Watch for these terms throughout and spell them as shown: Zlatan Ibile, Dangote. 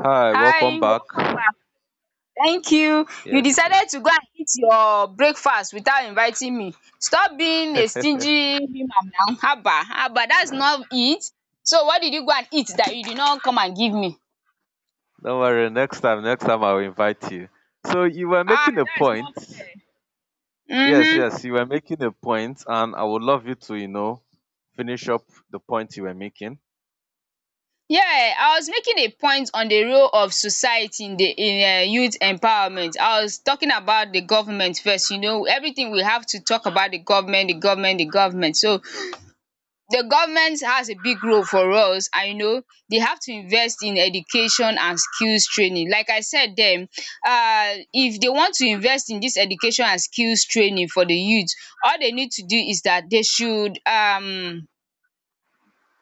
Hi, welcome Hi, back. welcome back. Thank you. You Yes, decided to yes. go and eat your breakfast without inviting me. Stop being a stingy woman now. Haba haba, that's not it. So what did you go and eat that you did not come and give me? Don't worry, next time, I'll invite you. So you were Ah, making a that's point. not fair. Yes, Mhm. yes, you were making a point, and I would love you to, finish up the point you were making. Yeah, I was making a point on the role of society in the in youth empowerment. I was talking about the government first, you know, everything we have to talk about the government, the government, the government. So the government has a big role for us, and you know they have to invest in education and skills training. Like I said dem, if they want to invest in dis education and skills training for the youth, all they need to do is dat they should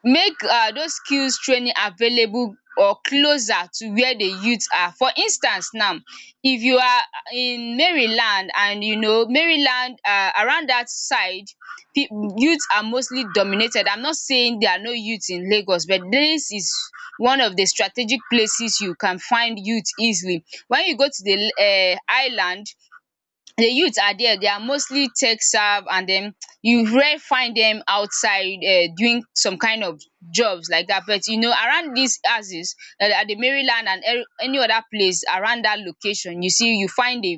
make those skills training available or closer to where the youth are. For instance now, if you are in Maryland, and you know Maryland around dat side, pip youth are mostly dominated. I'm not saying there are no youth in Lagos, but dis is one of the strategic places you can find youth easily. When you go to the island, the youth are there, they are mostly tech savvy, and then you rare find them outside doing some kind of jobs like that. But you know, around these houses, at the Maryland and any other place around that location, you see you find the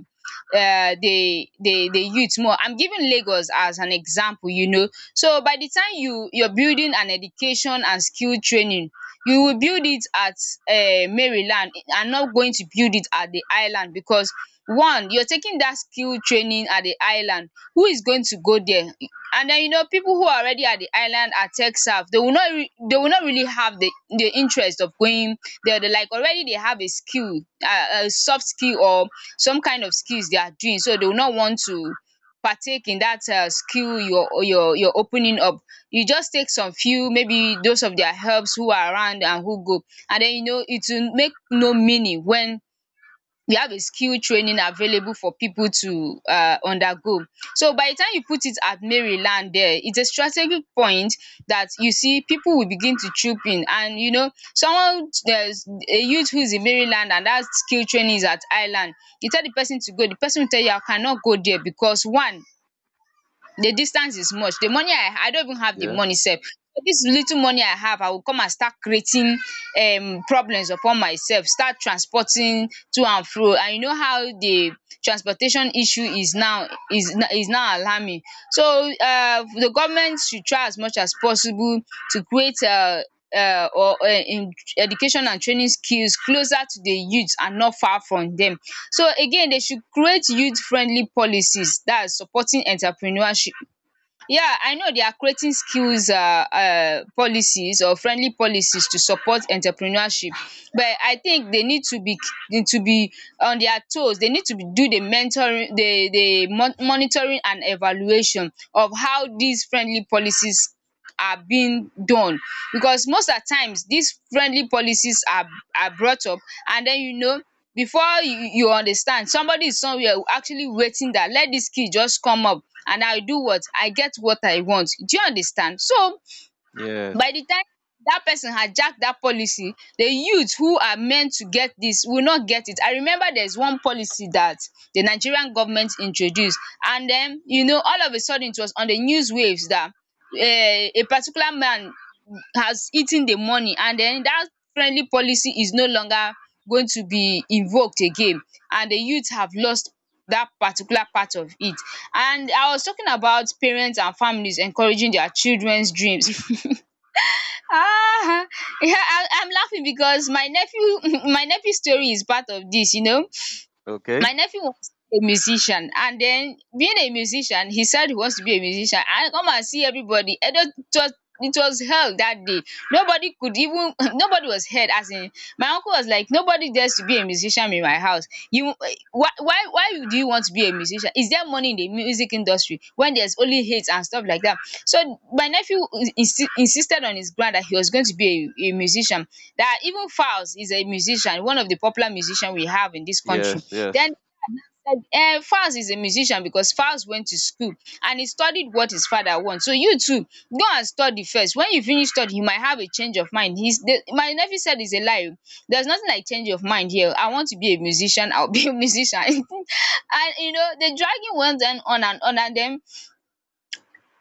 the youth more. I'm giving Lagos as an example, you know. So by the time you're building an education and skill training, you will build it at Maryland and not going to build it at the island, because one, you're taking that skill training at the island, who is going to go there? And then you know, people who are already at the island at TechSouth, they will not they will not really have the interest of going there. They like already they have a skill, soft skill or some kind of skills they are doing, so they will not want to partake in that skill you're opening up. You just take some few, maybe those of their helps who are around and who go, and den you know it will make no meaning when you have a skill training available for people to undergo. So by the time you put it at Maryland, there it's a strategic point, that you see people will begin to troop in. And you know, someone, there's a youth who is in Maryland and that skill training is at Highland, you tell the person to go, the person will tell you I cannot go there because one, the distance is much, the money, I don't even have the Yeah. money. Self, so this little money I have, I will come and start creating problems upon myself, start transporting to and fro. And you know how the transportation issue is now, is is now alarming. So the government should try as much as possible to create or education and training skills closer to the youth and not far from dem. So again, they should create youth friendly policies dat is supporting entrepreneurship. Yeah, I know they are creating skills policies or friendly policies to support entrepreneurship, but I think they need to be, need to be on their toes. They need to be, do the mentoring, the monitoring and evaluation of how dis friendly policies are being done. Because most at times, these friendly policies are brought up, and then you know, before you understand, somebody is somewhere actually waiting that let this kid just come up and I do what I get what I want. Do you understand? So Yes. by di time dat person hijack dat policy, the youth who are meant to get dis will not get it. I remember there's one policy dat the Nigerian government introduced, and den you know, all of a sudden it was on the news waves dat a particular man has eaten the money, and den dat friendly policy is no longer going to be invoked again, and the youth have lost dat particular part of it. And I was talking about parents and families encouraging their children's dreams. Ah, yeah, I'm laughing because my nephew, my nephew's story is part of this. You know, Okay. my nephew was a musician, and then being a musician, he said he wants to be a musician. I come and see everybody. And it was, it was hell that day. Nobody could even nobody was heard. As in, my uncle was like, nobody dares to be a musician in my house. You, why do you want to be a musician? Is there money in the music industry when there's only hate and stuff like that? So my nephew insisted on his grand that he was going to be a musician. That even Fowls is a musician, one of the popular musicians we have in this country. Yes, Then yes, um Falz is a musician because Falz went to school and he studied what his father wants. So you too go and study first. When you finish study you might have a change of mind. He's the, my nephew said it's a lie, there's nothing like change of mind here. I want to be a musician, I'll be a musician. And you know, the dragging went on and on, and then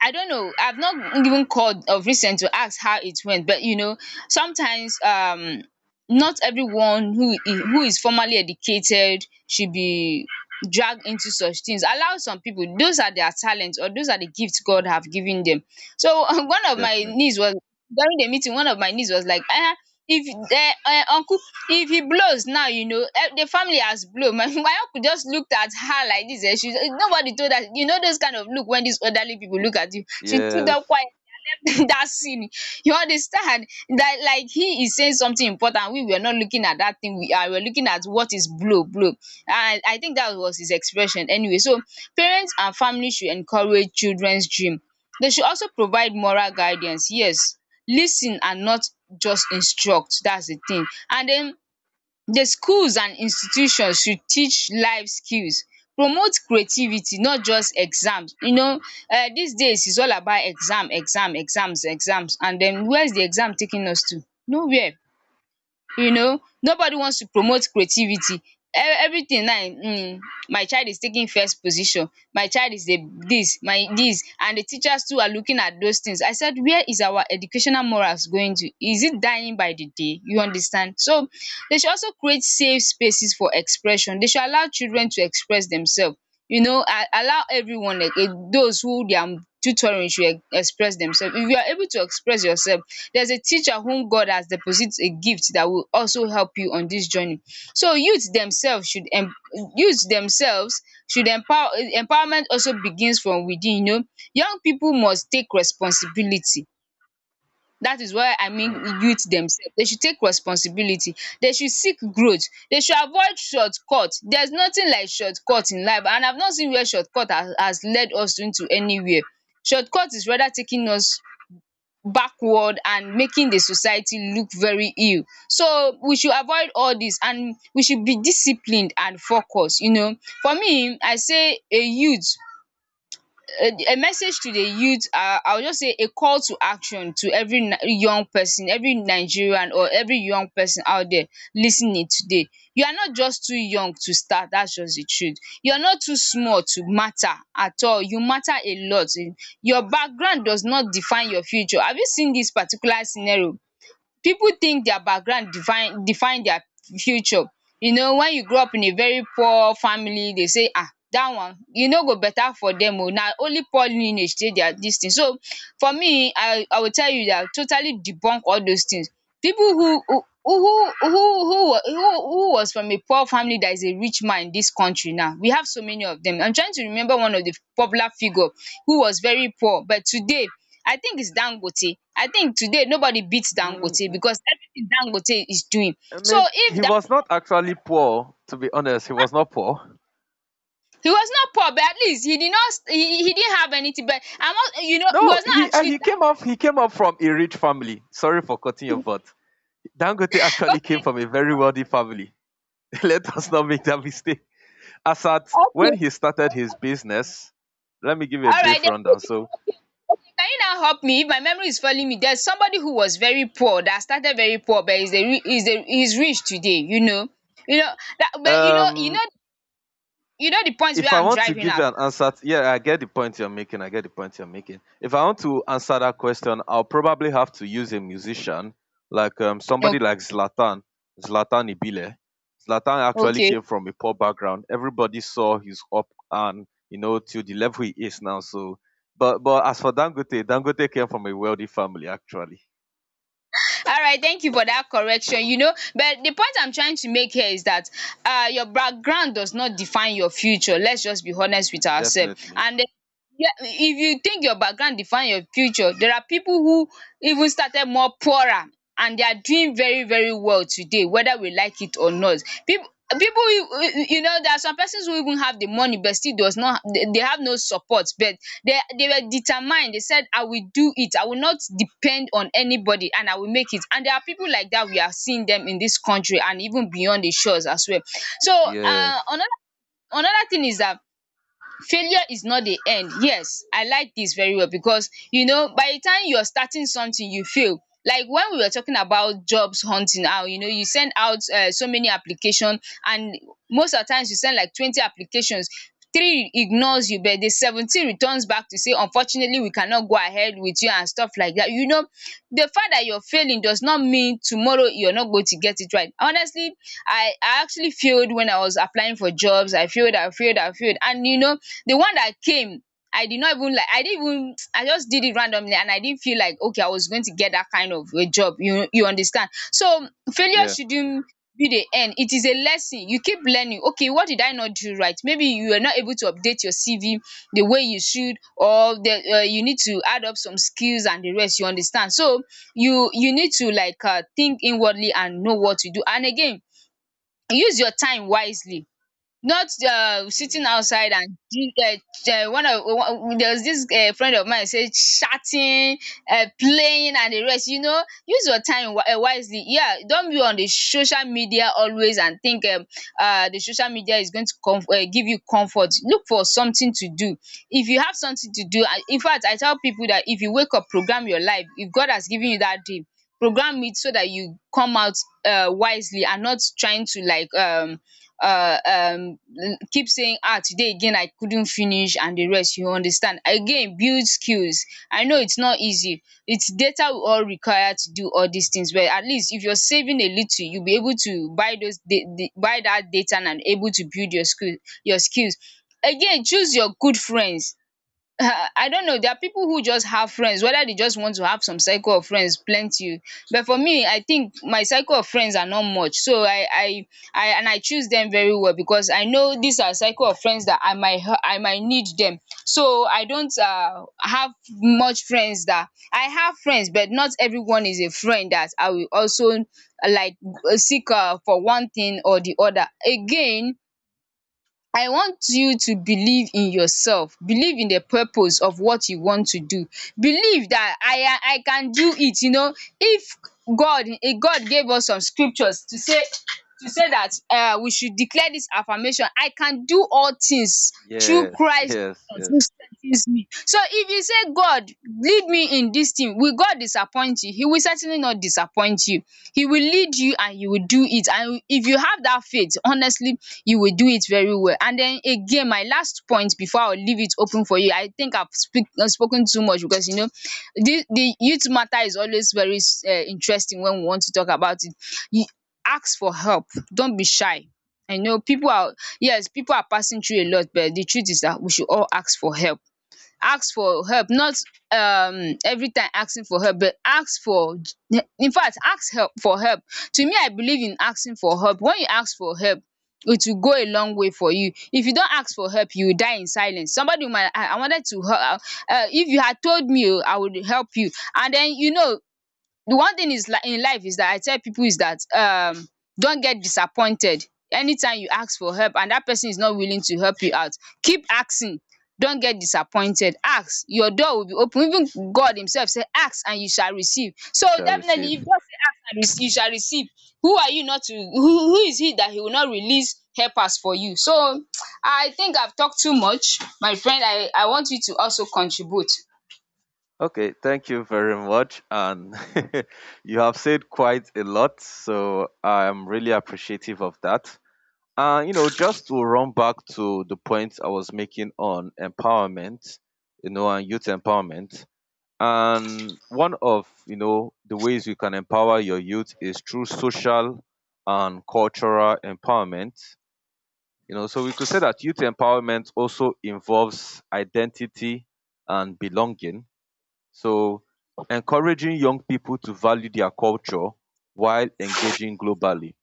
I don't know, I've not even called of recent to ask how it went, but you know, sometimes not everyone who is formally educated should be dragged into such things. Allow some people, those are their talents or those are the gifts God have given them. So one of my definitely. niece was during the meeting, one of my niece was like, ah, if uncle, if he blows now, you know, eh, the family has blown. My uncle just looked at her like this, she, nobody told her, you know those kind of look when these elderly people look at you, she stood up Yes. quietly and left that scene. You understand, that like he is saying something important, we were not looking at that thing, we are, we were looking at what is blow blow, and I think that was his expression anyway. So parents and family should encourage children's dream, they should also provide moral guidance, yes, lis ten and not just instruct. That's the thing. And then the schools and institutions should teach life skills, promote creativity, not just exams. You know, these days is all about exam exam exams exams, and then where is the exam taking us to? Nowhere. You know, nobody wants to promote creativity. Everything now, my child is taking first position, my child is the this, my this, and the teachers too are looking at those things. I said, where is our educational morals going to? Is it dying by the day? You understand? So they should also create safe spaces for expression, they should allow children to express themselves. You know, a, allow everyone like a, those who they are tutoring should express themselves. If you are able to express yourself, there's a teacher whom God has deposited a gift that will also help you on this journey. So youth themselves should em, youth themselves should empower, eh, empowerment also begins from within, you know. Young people must take responsibility. Dat is why I mean Mm. youth themselves. They should take responsibility. They should seek growth. They should avoid shortcut. There's nothing like shortcut in life, and I've not seen where shortcut has led us into anywhere. Shortcut is rather taking us backward and making the society look very ill. So we should avoid all dis and we should be disciplined and focused, you know. For me I say a youth, a message to the youth, I will just say a call to action to every young person, every Nigerian or every young person out there listening today. You are not just too young to start, that's just the truth. You're not too small to matter at all. You matter a lot. Your background does not define your future. Have you seen this particular scenario? Pipu think their background define their future. You know, when you grow up in a very poor family, dey say dat one e no go better for dem oo na only poor lineage dey their dis thing. So for me, I will tell you dat totally debunk all those things. Pipu who was from a poor family dat is a rich man in dis country now. We have so many of dem. I'm trying to remember one of the popular figure who was very poor but today, I think it's Dangote. I think today nobody beats Mm, Dangote mm, because everything Dangote is doing. I So mean, if he Dan was not actually poor, to be honest. He was not poor. he was not poor but at least he didn't have anything but I'm not, you know he No, was not actually that he came up from a rich family. Sorry for cutting your butt. Dangote actually came okay. from a very wealthy family. Let us not make that mistake. As at when Okay, he started his business, let me give you a alright brief then who rundown. did, okay? Okay, can you now help me if my memory is failing me? There's somebody who was very poor that started very poor but is rich today, you know that but you know you know um, you know the points if where I I'm want to driving give at. you an answer, to, yeah, I get the point you're making. I get the point you're making. If I want to answer that question, I'll probably have to use a musician like somebody like Okay, Zlatan, Zlatan Ibile. Zlatan actually okay. came from a poor background. Everybody saw his up and you know to the level he is now. So, but as for Dangote, Dangote came from a wealthy family actually. All right, thank you for that correction. You know, but the point I'm trying to make here is that your background does not define your future. Let's just be honest with ourselves. Definitely. And yeah, if you think your background define your future, there are people who even started more poorer and they are doing very, very well today, whether we like it or not. People people, you know there are some persons who even have the money but still does not, they have no support, but they were determined. They said I will do it, I will not depend on anybody and I will make it. And there are people like that. We are seeing them in this country and even beyond the shores as well. So uh Yes. another another thing is that failure is not the end. Yes, I like this very well because you know by the time you are starting something you fail. Like when we were talking about jobs hunting, how you know you send out so many applications, and most of the times you send like 20 applications, three ignores you but were the 17 returns back to say unfortunately we cannot go ahead with you and stuff like that. You know, the fact that you're failing does not mean tomorrow you're not going to get it right. Honestly, I actually failed when I was applying for jobs. I failed, I failed, I failed. And you know, the one that came, I did not even like I didn't even I just did it randomly and I didn't feel like okay I was going to get that kind of a job, you understand. So failure Yeah. shouldn't be the end. It is a lesson. You keep learning okay, what did I not do right? Maybe you were not able to update your CV the way you should, or the you need to add up some skills and the rest, you understand. So you need to like think inwardly and know what to do. And again, use your time wisely. Not sitting outside Yes. and one of there was this friend of mine say chatting, playing and the rest. You know, use your time wisely. Yeah, don't be on the social media always and think the social media is going to com give you comfort. Look for something to do. If you have something to do, in fact, I tell people that if you wake up, program your life. If God has given you that dream, program it so that you come out wisely and not trying to like uh um keep saying ah today again I couldn't finish and the rest, you understand. Again, build skills. I know it's not easy, it's data we all require to do all these things, but at least if you're saving a little you'll be able to buy those buy that data and able to build your skills. Again, choose your good friends. I don't know. There are people who just have friends, whether they just want to have some cycle of friends, plenty. But for me, I think my cycle of friends are not much. So I choose them very well because I know these are cycle of friends that I might, I might need them. So I don't have much friends that, I have friends, but not everyone is a friend that I will also like seek for one thing or the other. Again, I want you to believe in yourself, believe in the purpose of what you want to do, believe that I can do it, you know. If god, god gave us some scriptures to say that we should declare this affirmation, I can do all things through Yes. Christ, Yes. Yes. consis ten cy so if you say god, lead me in this thing, will god disappoint you? He will certainly not disappoint you. He will lead you and you will do it. And if you have that faith, honestly, you will do it very well. And then again, my last point before I will leave it open for you, I think I've speak spoken too much because, you know, the youth matter is always very interesting when we want to talk about it. You, ask for help. Don't be shy. I know people are, yes, people are passing through a lot but the truth is that we should all ask for help. Ask for help not every time asking for help but ask for, in fact, ask help for help. To me, I believe in asking for help. When you ask for help it will go a long way for you. If you don't ask for help you will die in silence. Somebody might, I wanted to help, if you had told me oo I would help you. And then you know, the one thing is like in life is that I tell people is that don't get disappointed. Anytime you ask for help and that person is not willing to help you out, keep asking. Don't get disappointed. Ask, your door will be open. Even God himself said, ask and you shall receive. So You shall definitely, receive. if God say ask and you shall receive, who are you not to, who is he that he will not release helpers for you? So I think I've talked too much, my friend. I want you to also contribute. Okay, thank you very much. And you have said quite a lot, so I'm really appreciative of that. You know, just to run back to the point I was making on empowerment, you know, and youth empowerment. And one of, you know, the ways you can empower your youth is through social and cultural empowerment. You know, so we could say that youth empowerment also involves identity and belonging, so encouraging young people to value their culture while engaging globally.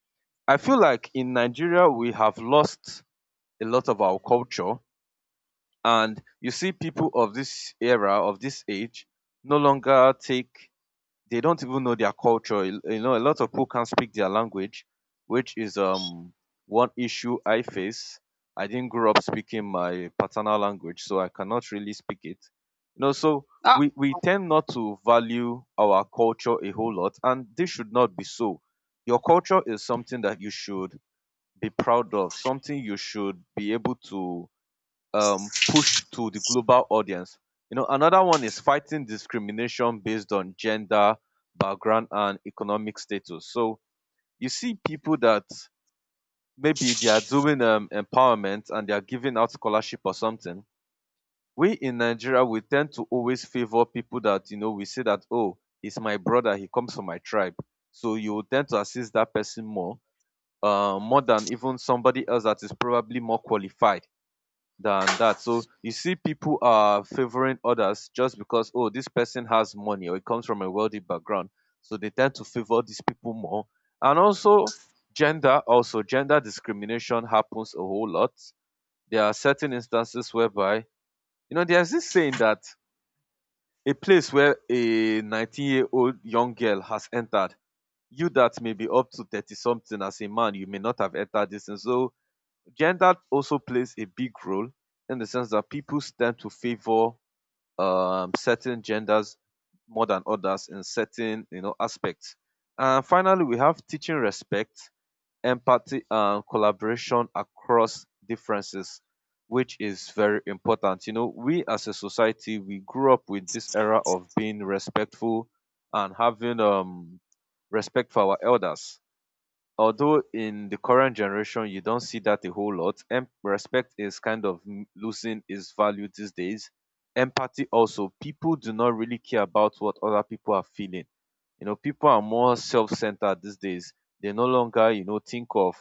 I feel like in Nigeria, we have lost a lot of our culture. And you see people of this era, of this age, no longer take, they don't even know their culture. You know, a lot of people can't speak their language, which is one issue I face. I didn't grow up speaking my paternal language, so I cannot really speak it. You know, so Ah, we tend not to value our culture a whole lot, and this should not be so. Your culture is something that you should be proud of, something you should be able to push to the global audience. You know, another one is fighting discrimination based on gender, background, and economic status. So you see people that maybe they are doing empowerment and they are giving out scholarship or something. We in Nigeria we tend to always favor people that, you know, we say that, oh, it's my brother, he comes from my tribe, so you will tend to assist that person more, more than even somebody else that is probably more qualified than that. So you see, people are favoring others just because, oh, this person has money or it comes from a wealthy background. So they tend to favor these people more. And also, gender discrimination happens a whole lot. There are certain instances whereby, you know, there's this saying that a place where a 19-year-old young girl has entered, you that may be up to 30 something as a man, you may not have entered this. And so gender also plays a big role in the sense that people tend to favor certain genders more than others in certain, you know, aspects. And finally, we have teaching respect, empathy, and collaboration across differences, which is very important. You know, we as a society we grew up with this era of being respectful and having respect for our elders, although in the current generation you don't see that a whole lot, and respect is kind of losing its value these days. Empathy also, people do not really care about what other people are feeling. You know, people are more self-centered these days. They no longer, you know, think of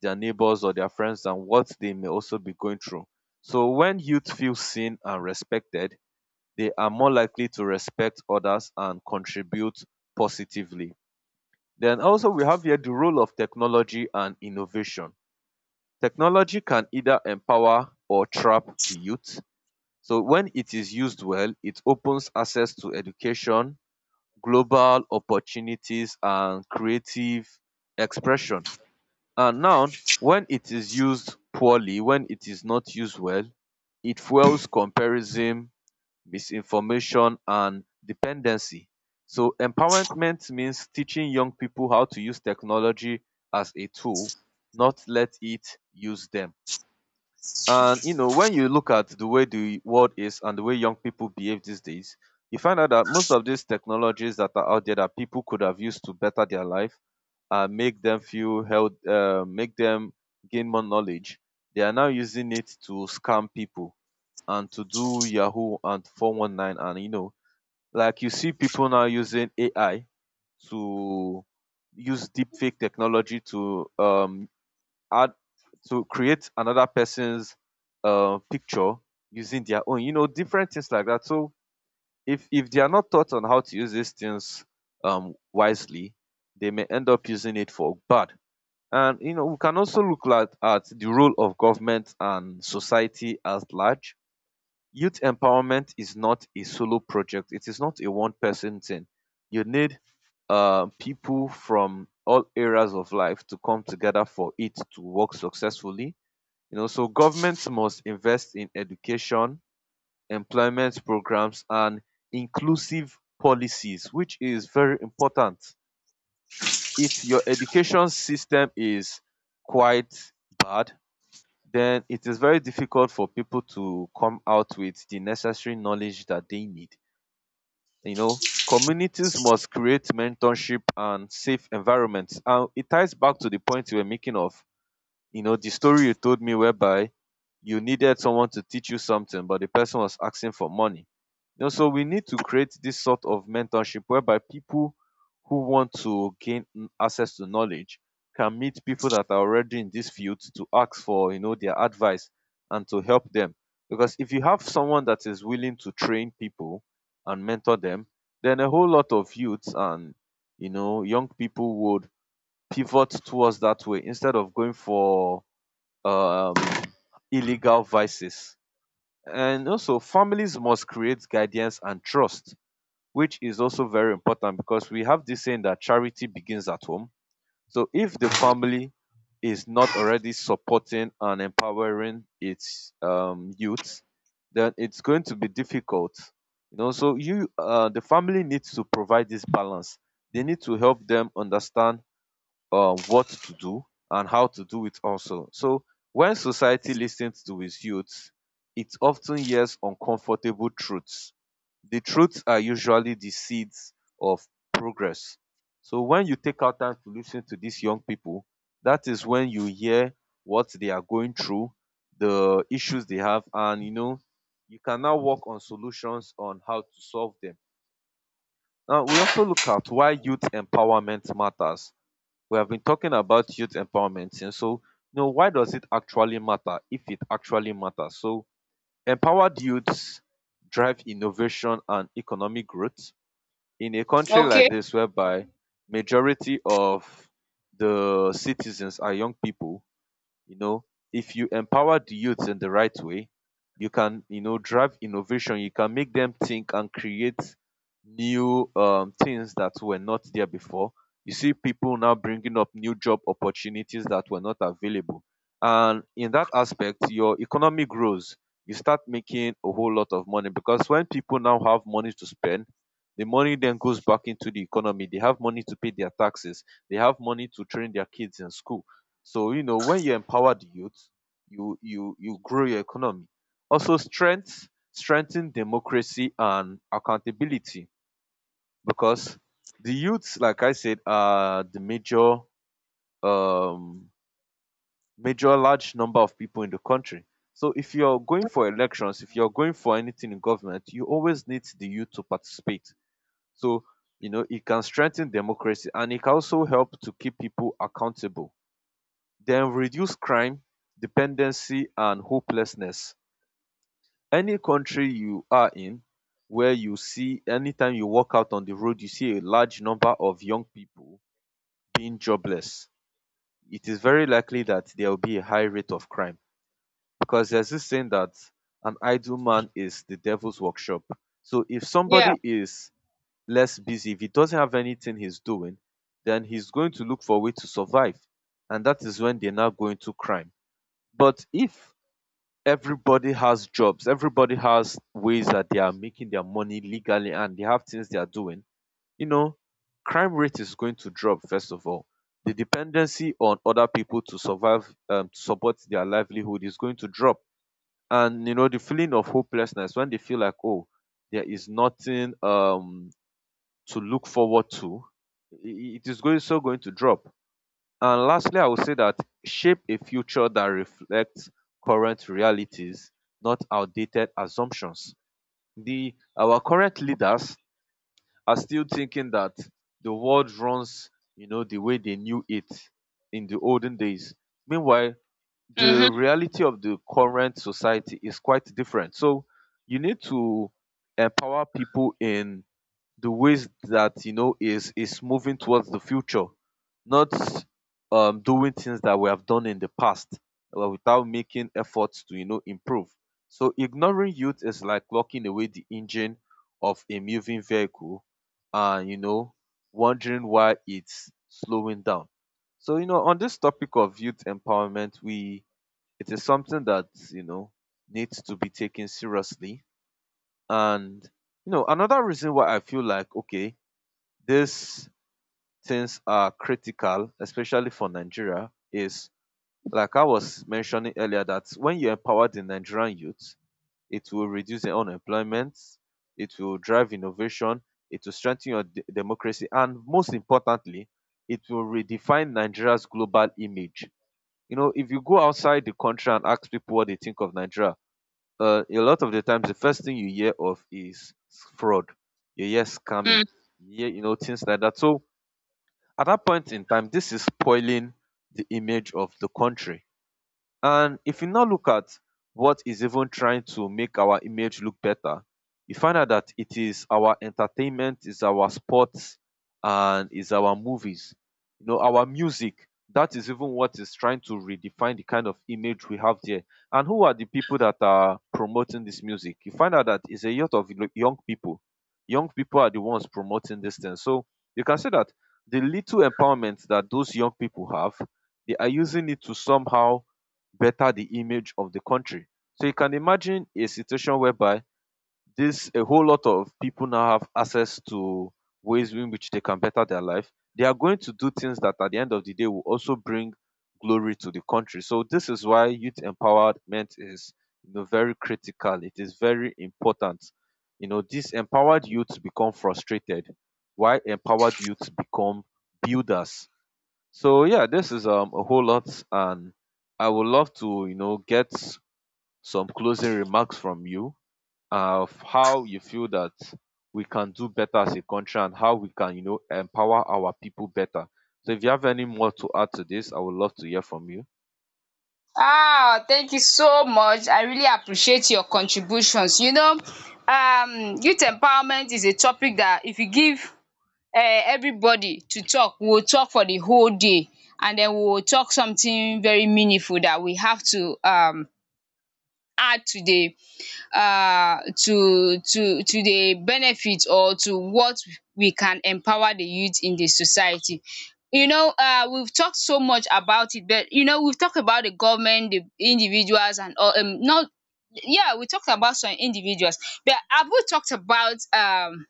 their neighbors or their friends and what they may also be going through. So when youth feel seen and respected, they are more likely to respect others and contribute positively. Then also we have here the role of technology and innovation. Technology can either empower or trap the youth. So when it is used well, it opens access to education, global opportunities and creative expression. And now when it is used poorly, when it is not used well, it fuels comparison, misinformation and dependency. So empowerment means teaching young people how to use technology as a tool, not let it use them. And you know, when you look at the way the world is and the way young people behave these days, you find out that most of these technologies that are out there that people could have used to better their life and make them feel held, make them gain more knowledge, they are now using it to scam people and to do Yahoo and 419 and you know, like you see people now using AI to use deepfake technology to add to create another person's picture using their own, you know, different things like that. So if they are not taught on how to use these things wisely, they may end up using it for bad. And you know, we can also look at the role of government and society as large. Youth empowerment is not a solo project. It is not a one person thing. You need people from all areas of life to come together for it to work successfully. You know, so governments must invest in education, employment programs, and inclusive policies, which is very important. If your education system is quite bad, then it is very difficult for people to come out with the necessary knowledge that they need. You know, communities must create mentorship and safe environments. And it ties back to the point you were making of, you know, the story you told me whereby you needed someone to teach you something, but the person was asking for money. You know, so we need to create this sort of mentorship whereby people who want to gain access to knowledge can meet people that are already in this field to ask for, you know, their advice and to help them. Because if you have someone that is willing to train people and mentor them, then a whole lot of youths and, you know, young people would pivot towards that way instead of going for um, illegal vices. And also, families must create guidance and trust, which is also very important because we have this saying that charity begins at home. So, if the family is not already supporting and empowering its youth, then it's going to be difficult. You know, so the family needs to provide this balance. They need to help them understand what to do and how to do it also. So when society listens to its youths, it often hears uncomfortable truths. The truths are usually the seeds of progress. So when you take out time to listen to these young people, that is when you hear what they are going through, the issues they have, and you know, you can now work on solutions on how to solve them. Now we also look at why youth empowerment matters. We have been talking about youth empowerment since. So, you know, why does it actually matter if it actually matters? So, empowered youths drive innovation and economic growth. In a country like okay. this whereby majority of the citizens are young people, you know, if you empower the youth in the right way, you can, you know, drive innovation. You can make them think and create new things that were not there before. You see people now bringing up new job opportunities that were not available. And in that aspect, your economy grows. You start making a whole lot of money because when people now have money to spend, the money then goes back into the economy. They have money to pay their taxes. They have money to train their kids in school. So you know when you empower the youth, you grow your economy. Also strengthen democracy and accountability because the youths, like I said, are the um major large number of people in the country. So if you're going for elections, if you're going for anything in government, you always need the youth to participate. So you know it can strengthen democracy and it can also help to keep people accountable. Then reduce crime, dependency and hopelessness. Any country you are in, where you see anytime you walk out on the road you see a large number of young people being jobless, it is very likely that there will be a high rate of crime, because there's this saying that an idle man is the devil's workshop. So if Yeah. somebody is less busy, if he doesn't have anything he's doing, then he's going to look for a way to survive, and that is when they now go into crime. But if everybody has jobs, everybody has ways that they are making their money legally and they have things they are doing, You know, crime rate is going to drop, first of all. The dependency on other people to survive, to support their livelihood is going to drop. And, the feeling of hopelessness when they feel like, oh, there is nothing to look forward to, it is going to drop. And lastly, I would say that shape a future that reflects current realities, not outdated assumptions. The Our current leaders are still thinking that the world runs, the way they knew it in the olden days. Meanwhile, the Mm-hmm. reality of the current society is quite different. So you need to empower people in the ways that you know is moving towards the future, not doing things that we have done in the past without making efforts to improve. So ignoring youth is like locking away the engine of a moving vehicle, and you know wondering why it's slowing down. So on this topic of youth empowerment, we it is something that needs to be taken seriously. And another reason why I feel like okay these things are critical, especially for Nigeria, is like I was mentioning earlier that when you empower the Nigerian youth, it will reduce the unemployment, it will drive innovation, it will strengthen your democracy, and most importantly, it will redefine Nigeria's global image. You know, if you go outside the country and ask people what they think of Nigeria, a lot of the times the first thing you hear of is fraud, you hear scamming, Mm. you hear things like that. So at that point in time this is spoiling the image of the country. And if you now look at what is even trying to make our image look better, you find out that it is our entertainment, is our sports, and is our movies. You know, our music. That is even what is trying to redefine the kind of image we have there. And who are the people that are promoting this music? You find out that it's a lot of young people. Young people are the ones promoting this thing. So you can say that the little empowerment that those young people have, they are using it to somehow better the image of the country. So you can imagine a situation whereby this a whole lot of people now have access to ways in which they can better their life. They are going to do things that at the end of the day will also bring glory to the country. So this is why youth empowerment is very critical. It is very important. You know, these empowered youths become frustrated, while empowered youths become builders. So yeah, this is a whole lot, and I would love to get some closing remarks from you of how you feel that we can do better as a country and how we can empower our people better. So if you have any more to add to this, I would love to hear from you. Ah, thank you so much. I really appreciate your contributions. You know, youth empowerment is a topic that if you give um everybody to talk, we will talk for the whole day and then we will talk something very meaningful that we have to add to the to the benefit or to what we can empower the youth in the society. You know we've talked so much about it, but you know we've talked about the government, the individuals and all not, yeah we talked about some individuals, but have we talked about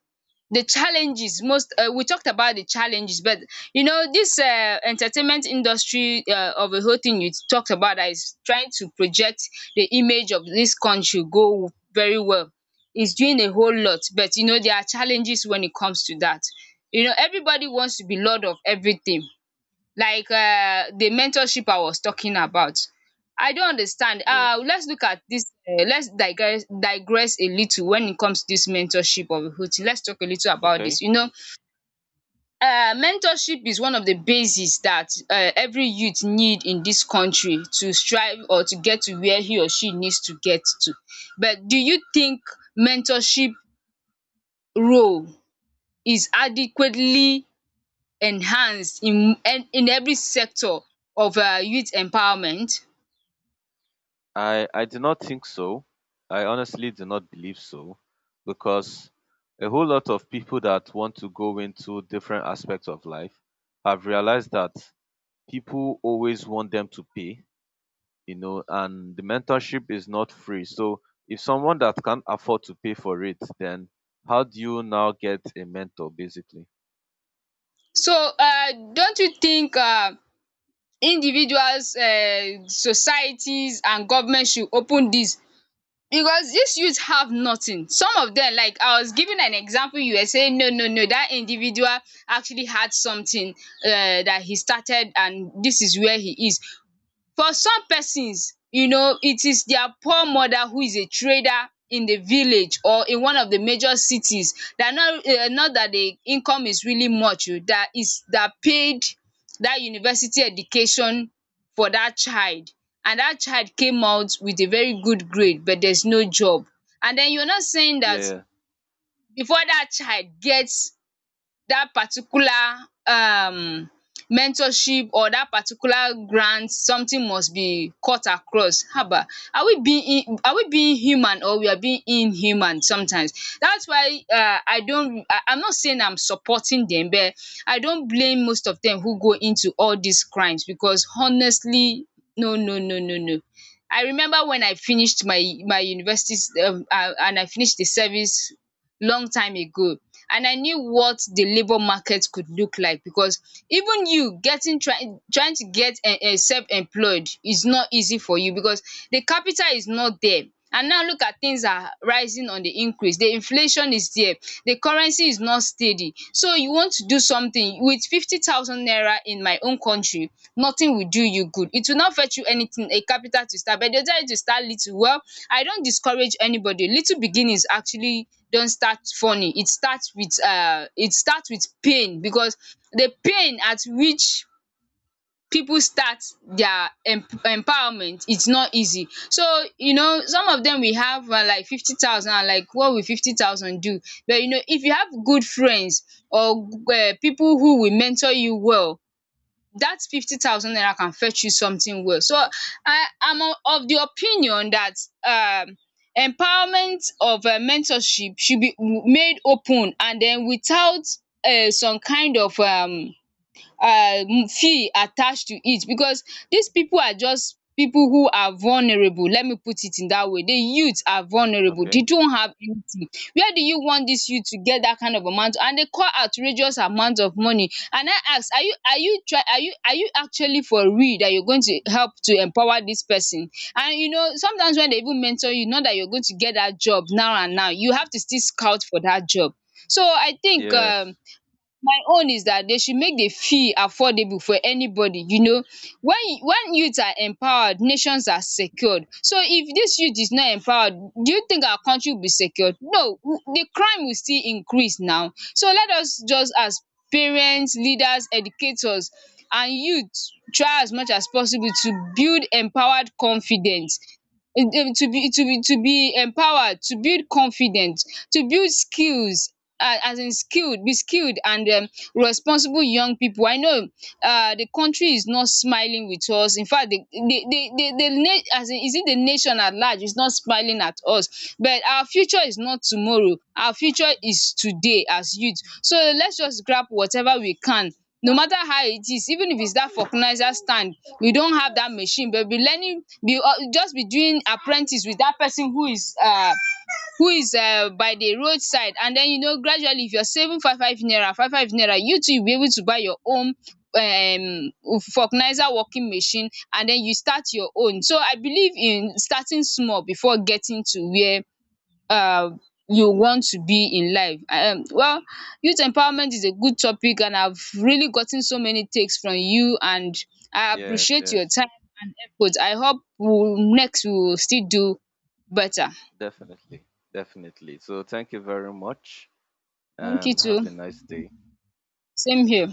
the challenges? Most we talked about the challenges but you know this entertainment industry of the whole thing you talked about that is trying to project the image of this country go very well is doing a whole lot, but you know there are challenges when it comes to that. You know everybody wants to be lord of everything, like the mentorship I was talking about. I don understand. Yes. Let's look at dis let's digress a little when it comes to dis mentorship of recruiting. Let's talk a little about Okay. dis. You know, mentorship is one of the basis dat every youth need in dis country to strive or to get to where he or she needs to get to. But do you think mentorship role is adequately enhanced in every sector of youth empowerment. I do not think so. I honestly do not believe so, because a whole lot of people that want to go into different aspects of life have realized that people always want them to pay, you know, and the mentorship is not free. So if someone that can't afford to pay for it, then how do you now get a mentor basically? So don't you think individuals, societies and government should open this? Because these youth have nothing. Some of them, like I was giving an example, you were saying no, no, no. That individual actually had something, dat he started and this is where he is. For some persons, it is their poor mother who is a trader in the village or in one of the major cities, that not not that the income is really much o, that is that paid that university education for that child. And that child came out with a very good grade, but there's no job. And then you're not saying that Yeah. before that child gets that particular mentorship or that particular grant, something must be cut across, haba. Are we being human, or we are being inhuman sometimes? That's why, I'm not saying I'm supporting them, but I don't blame most of them who go into all these crimes, because honestly, no, no, no, no, no. I remember when I finished my university, and I finished the service long time ago, and I knew what the labour market could look like, because even you getting trying to get self-employed is not easy for you, because the capital is not there. And now look at, things are rising on the increase, the inflation is there, the currency is not steady. So you want to do something with 50,000 naira in my own country, nothing will do you good. It will not fetch you anything, a capital to start, but they'll tell you to start little. Well, I don't discourage anybody. Little beginnings actually don't start funny. It starts with pain, because the pain at which people start their empowerment, it's not easy. So some of them, we have like 50,000, and like, what will 50,000 do? But if you have good friends or people who will mentor you well, that 50,000 naira can fetch you something well. So I am of the opinion that um empowerment of mentorship should be made open, and then without some kind of feel attached to it, because dis pipu are just pipu who are vulnerable. Let me put it in dat way. The youth are vulnerable. They Okay. don't have anything. Where do you want dis youth to get dat kind of amount, and they call outrageous amount of money? And I ask, are you try are you actually for real dat you're going to help to empower dis person? And sometimes when they even mentor you, not that you're going to get dat job now and now. You have to still scout for dat job. So I think Yes. my own is dat dey should make the fee affordable for anybody, when youth are empowered, nations are secured. So if this youth is not empowered, do you think our country will be secured? No, the crime will still increase now. So let us just, as parents, leaders, educators and youth, try as much as possible to build empowered confidence, to be to be empowered, to build confidence, to build skills, as in skilled, be skilled, and responsible young people. I know the country is not smiling with us. Infact, the, as in, is it the nation at large is not smiling at us. But our future is not tomorrow, our future is today as youth. So let's just grab whatever we can. No matter how it is, even if it's that vulcanizer stand, we don't have that machine, but we'll be learning. We'll just be doing apprentice with that person who is by the roadside. And then gradually, if you're saving five five naira, you too, you'll be able to buy your own vulcanizer working machine, and then you start your own. So I believe in starting small before getting to where um you want to be in life. Well, youth empowerment is a good topic, and I've really gotten so many takes from you, and Mm. I Yes. appreciate your Yes. time and effort. I hope we will still do better. Definitely. Definitely. So thank you very much Thank you and have too. a nice day. Same here.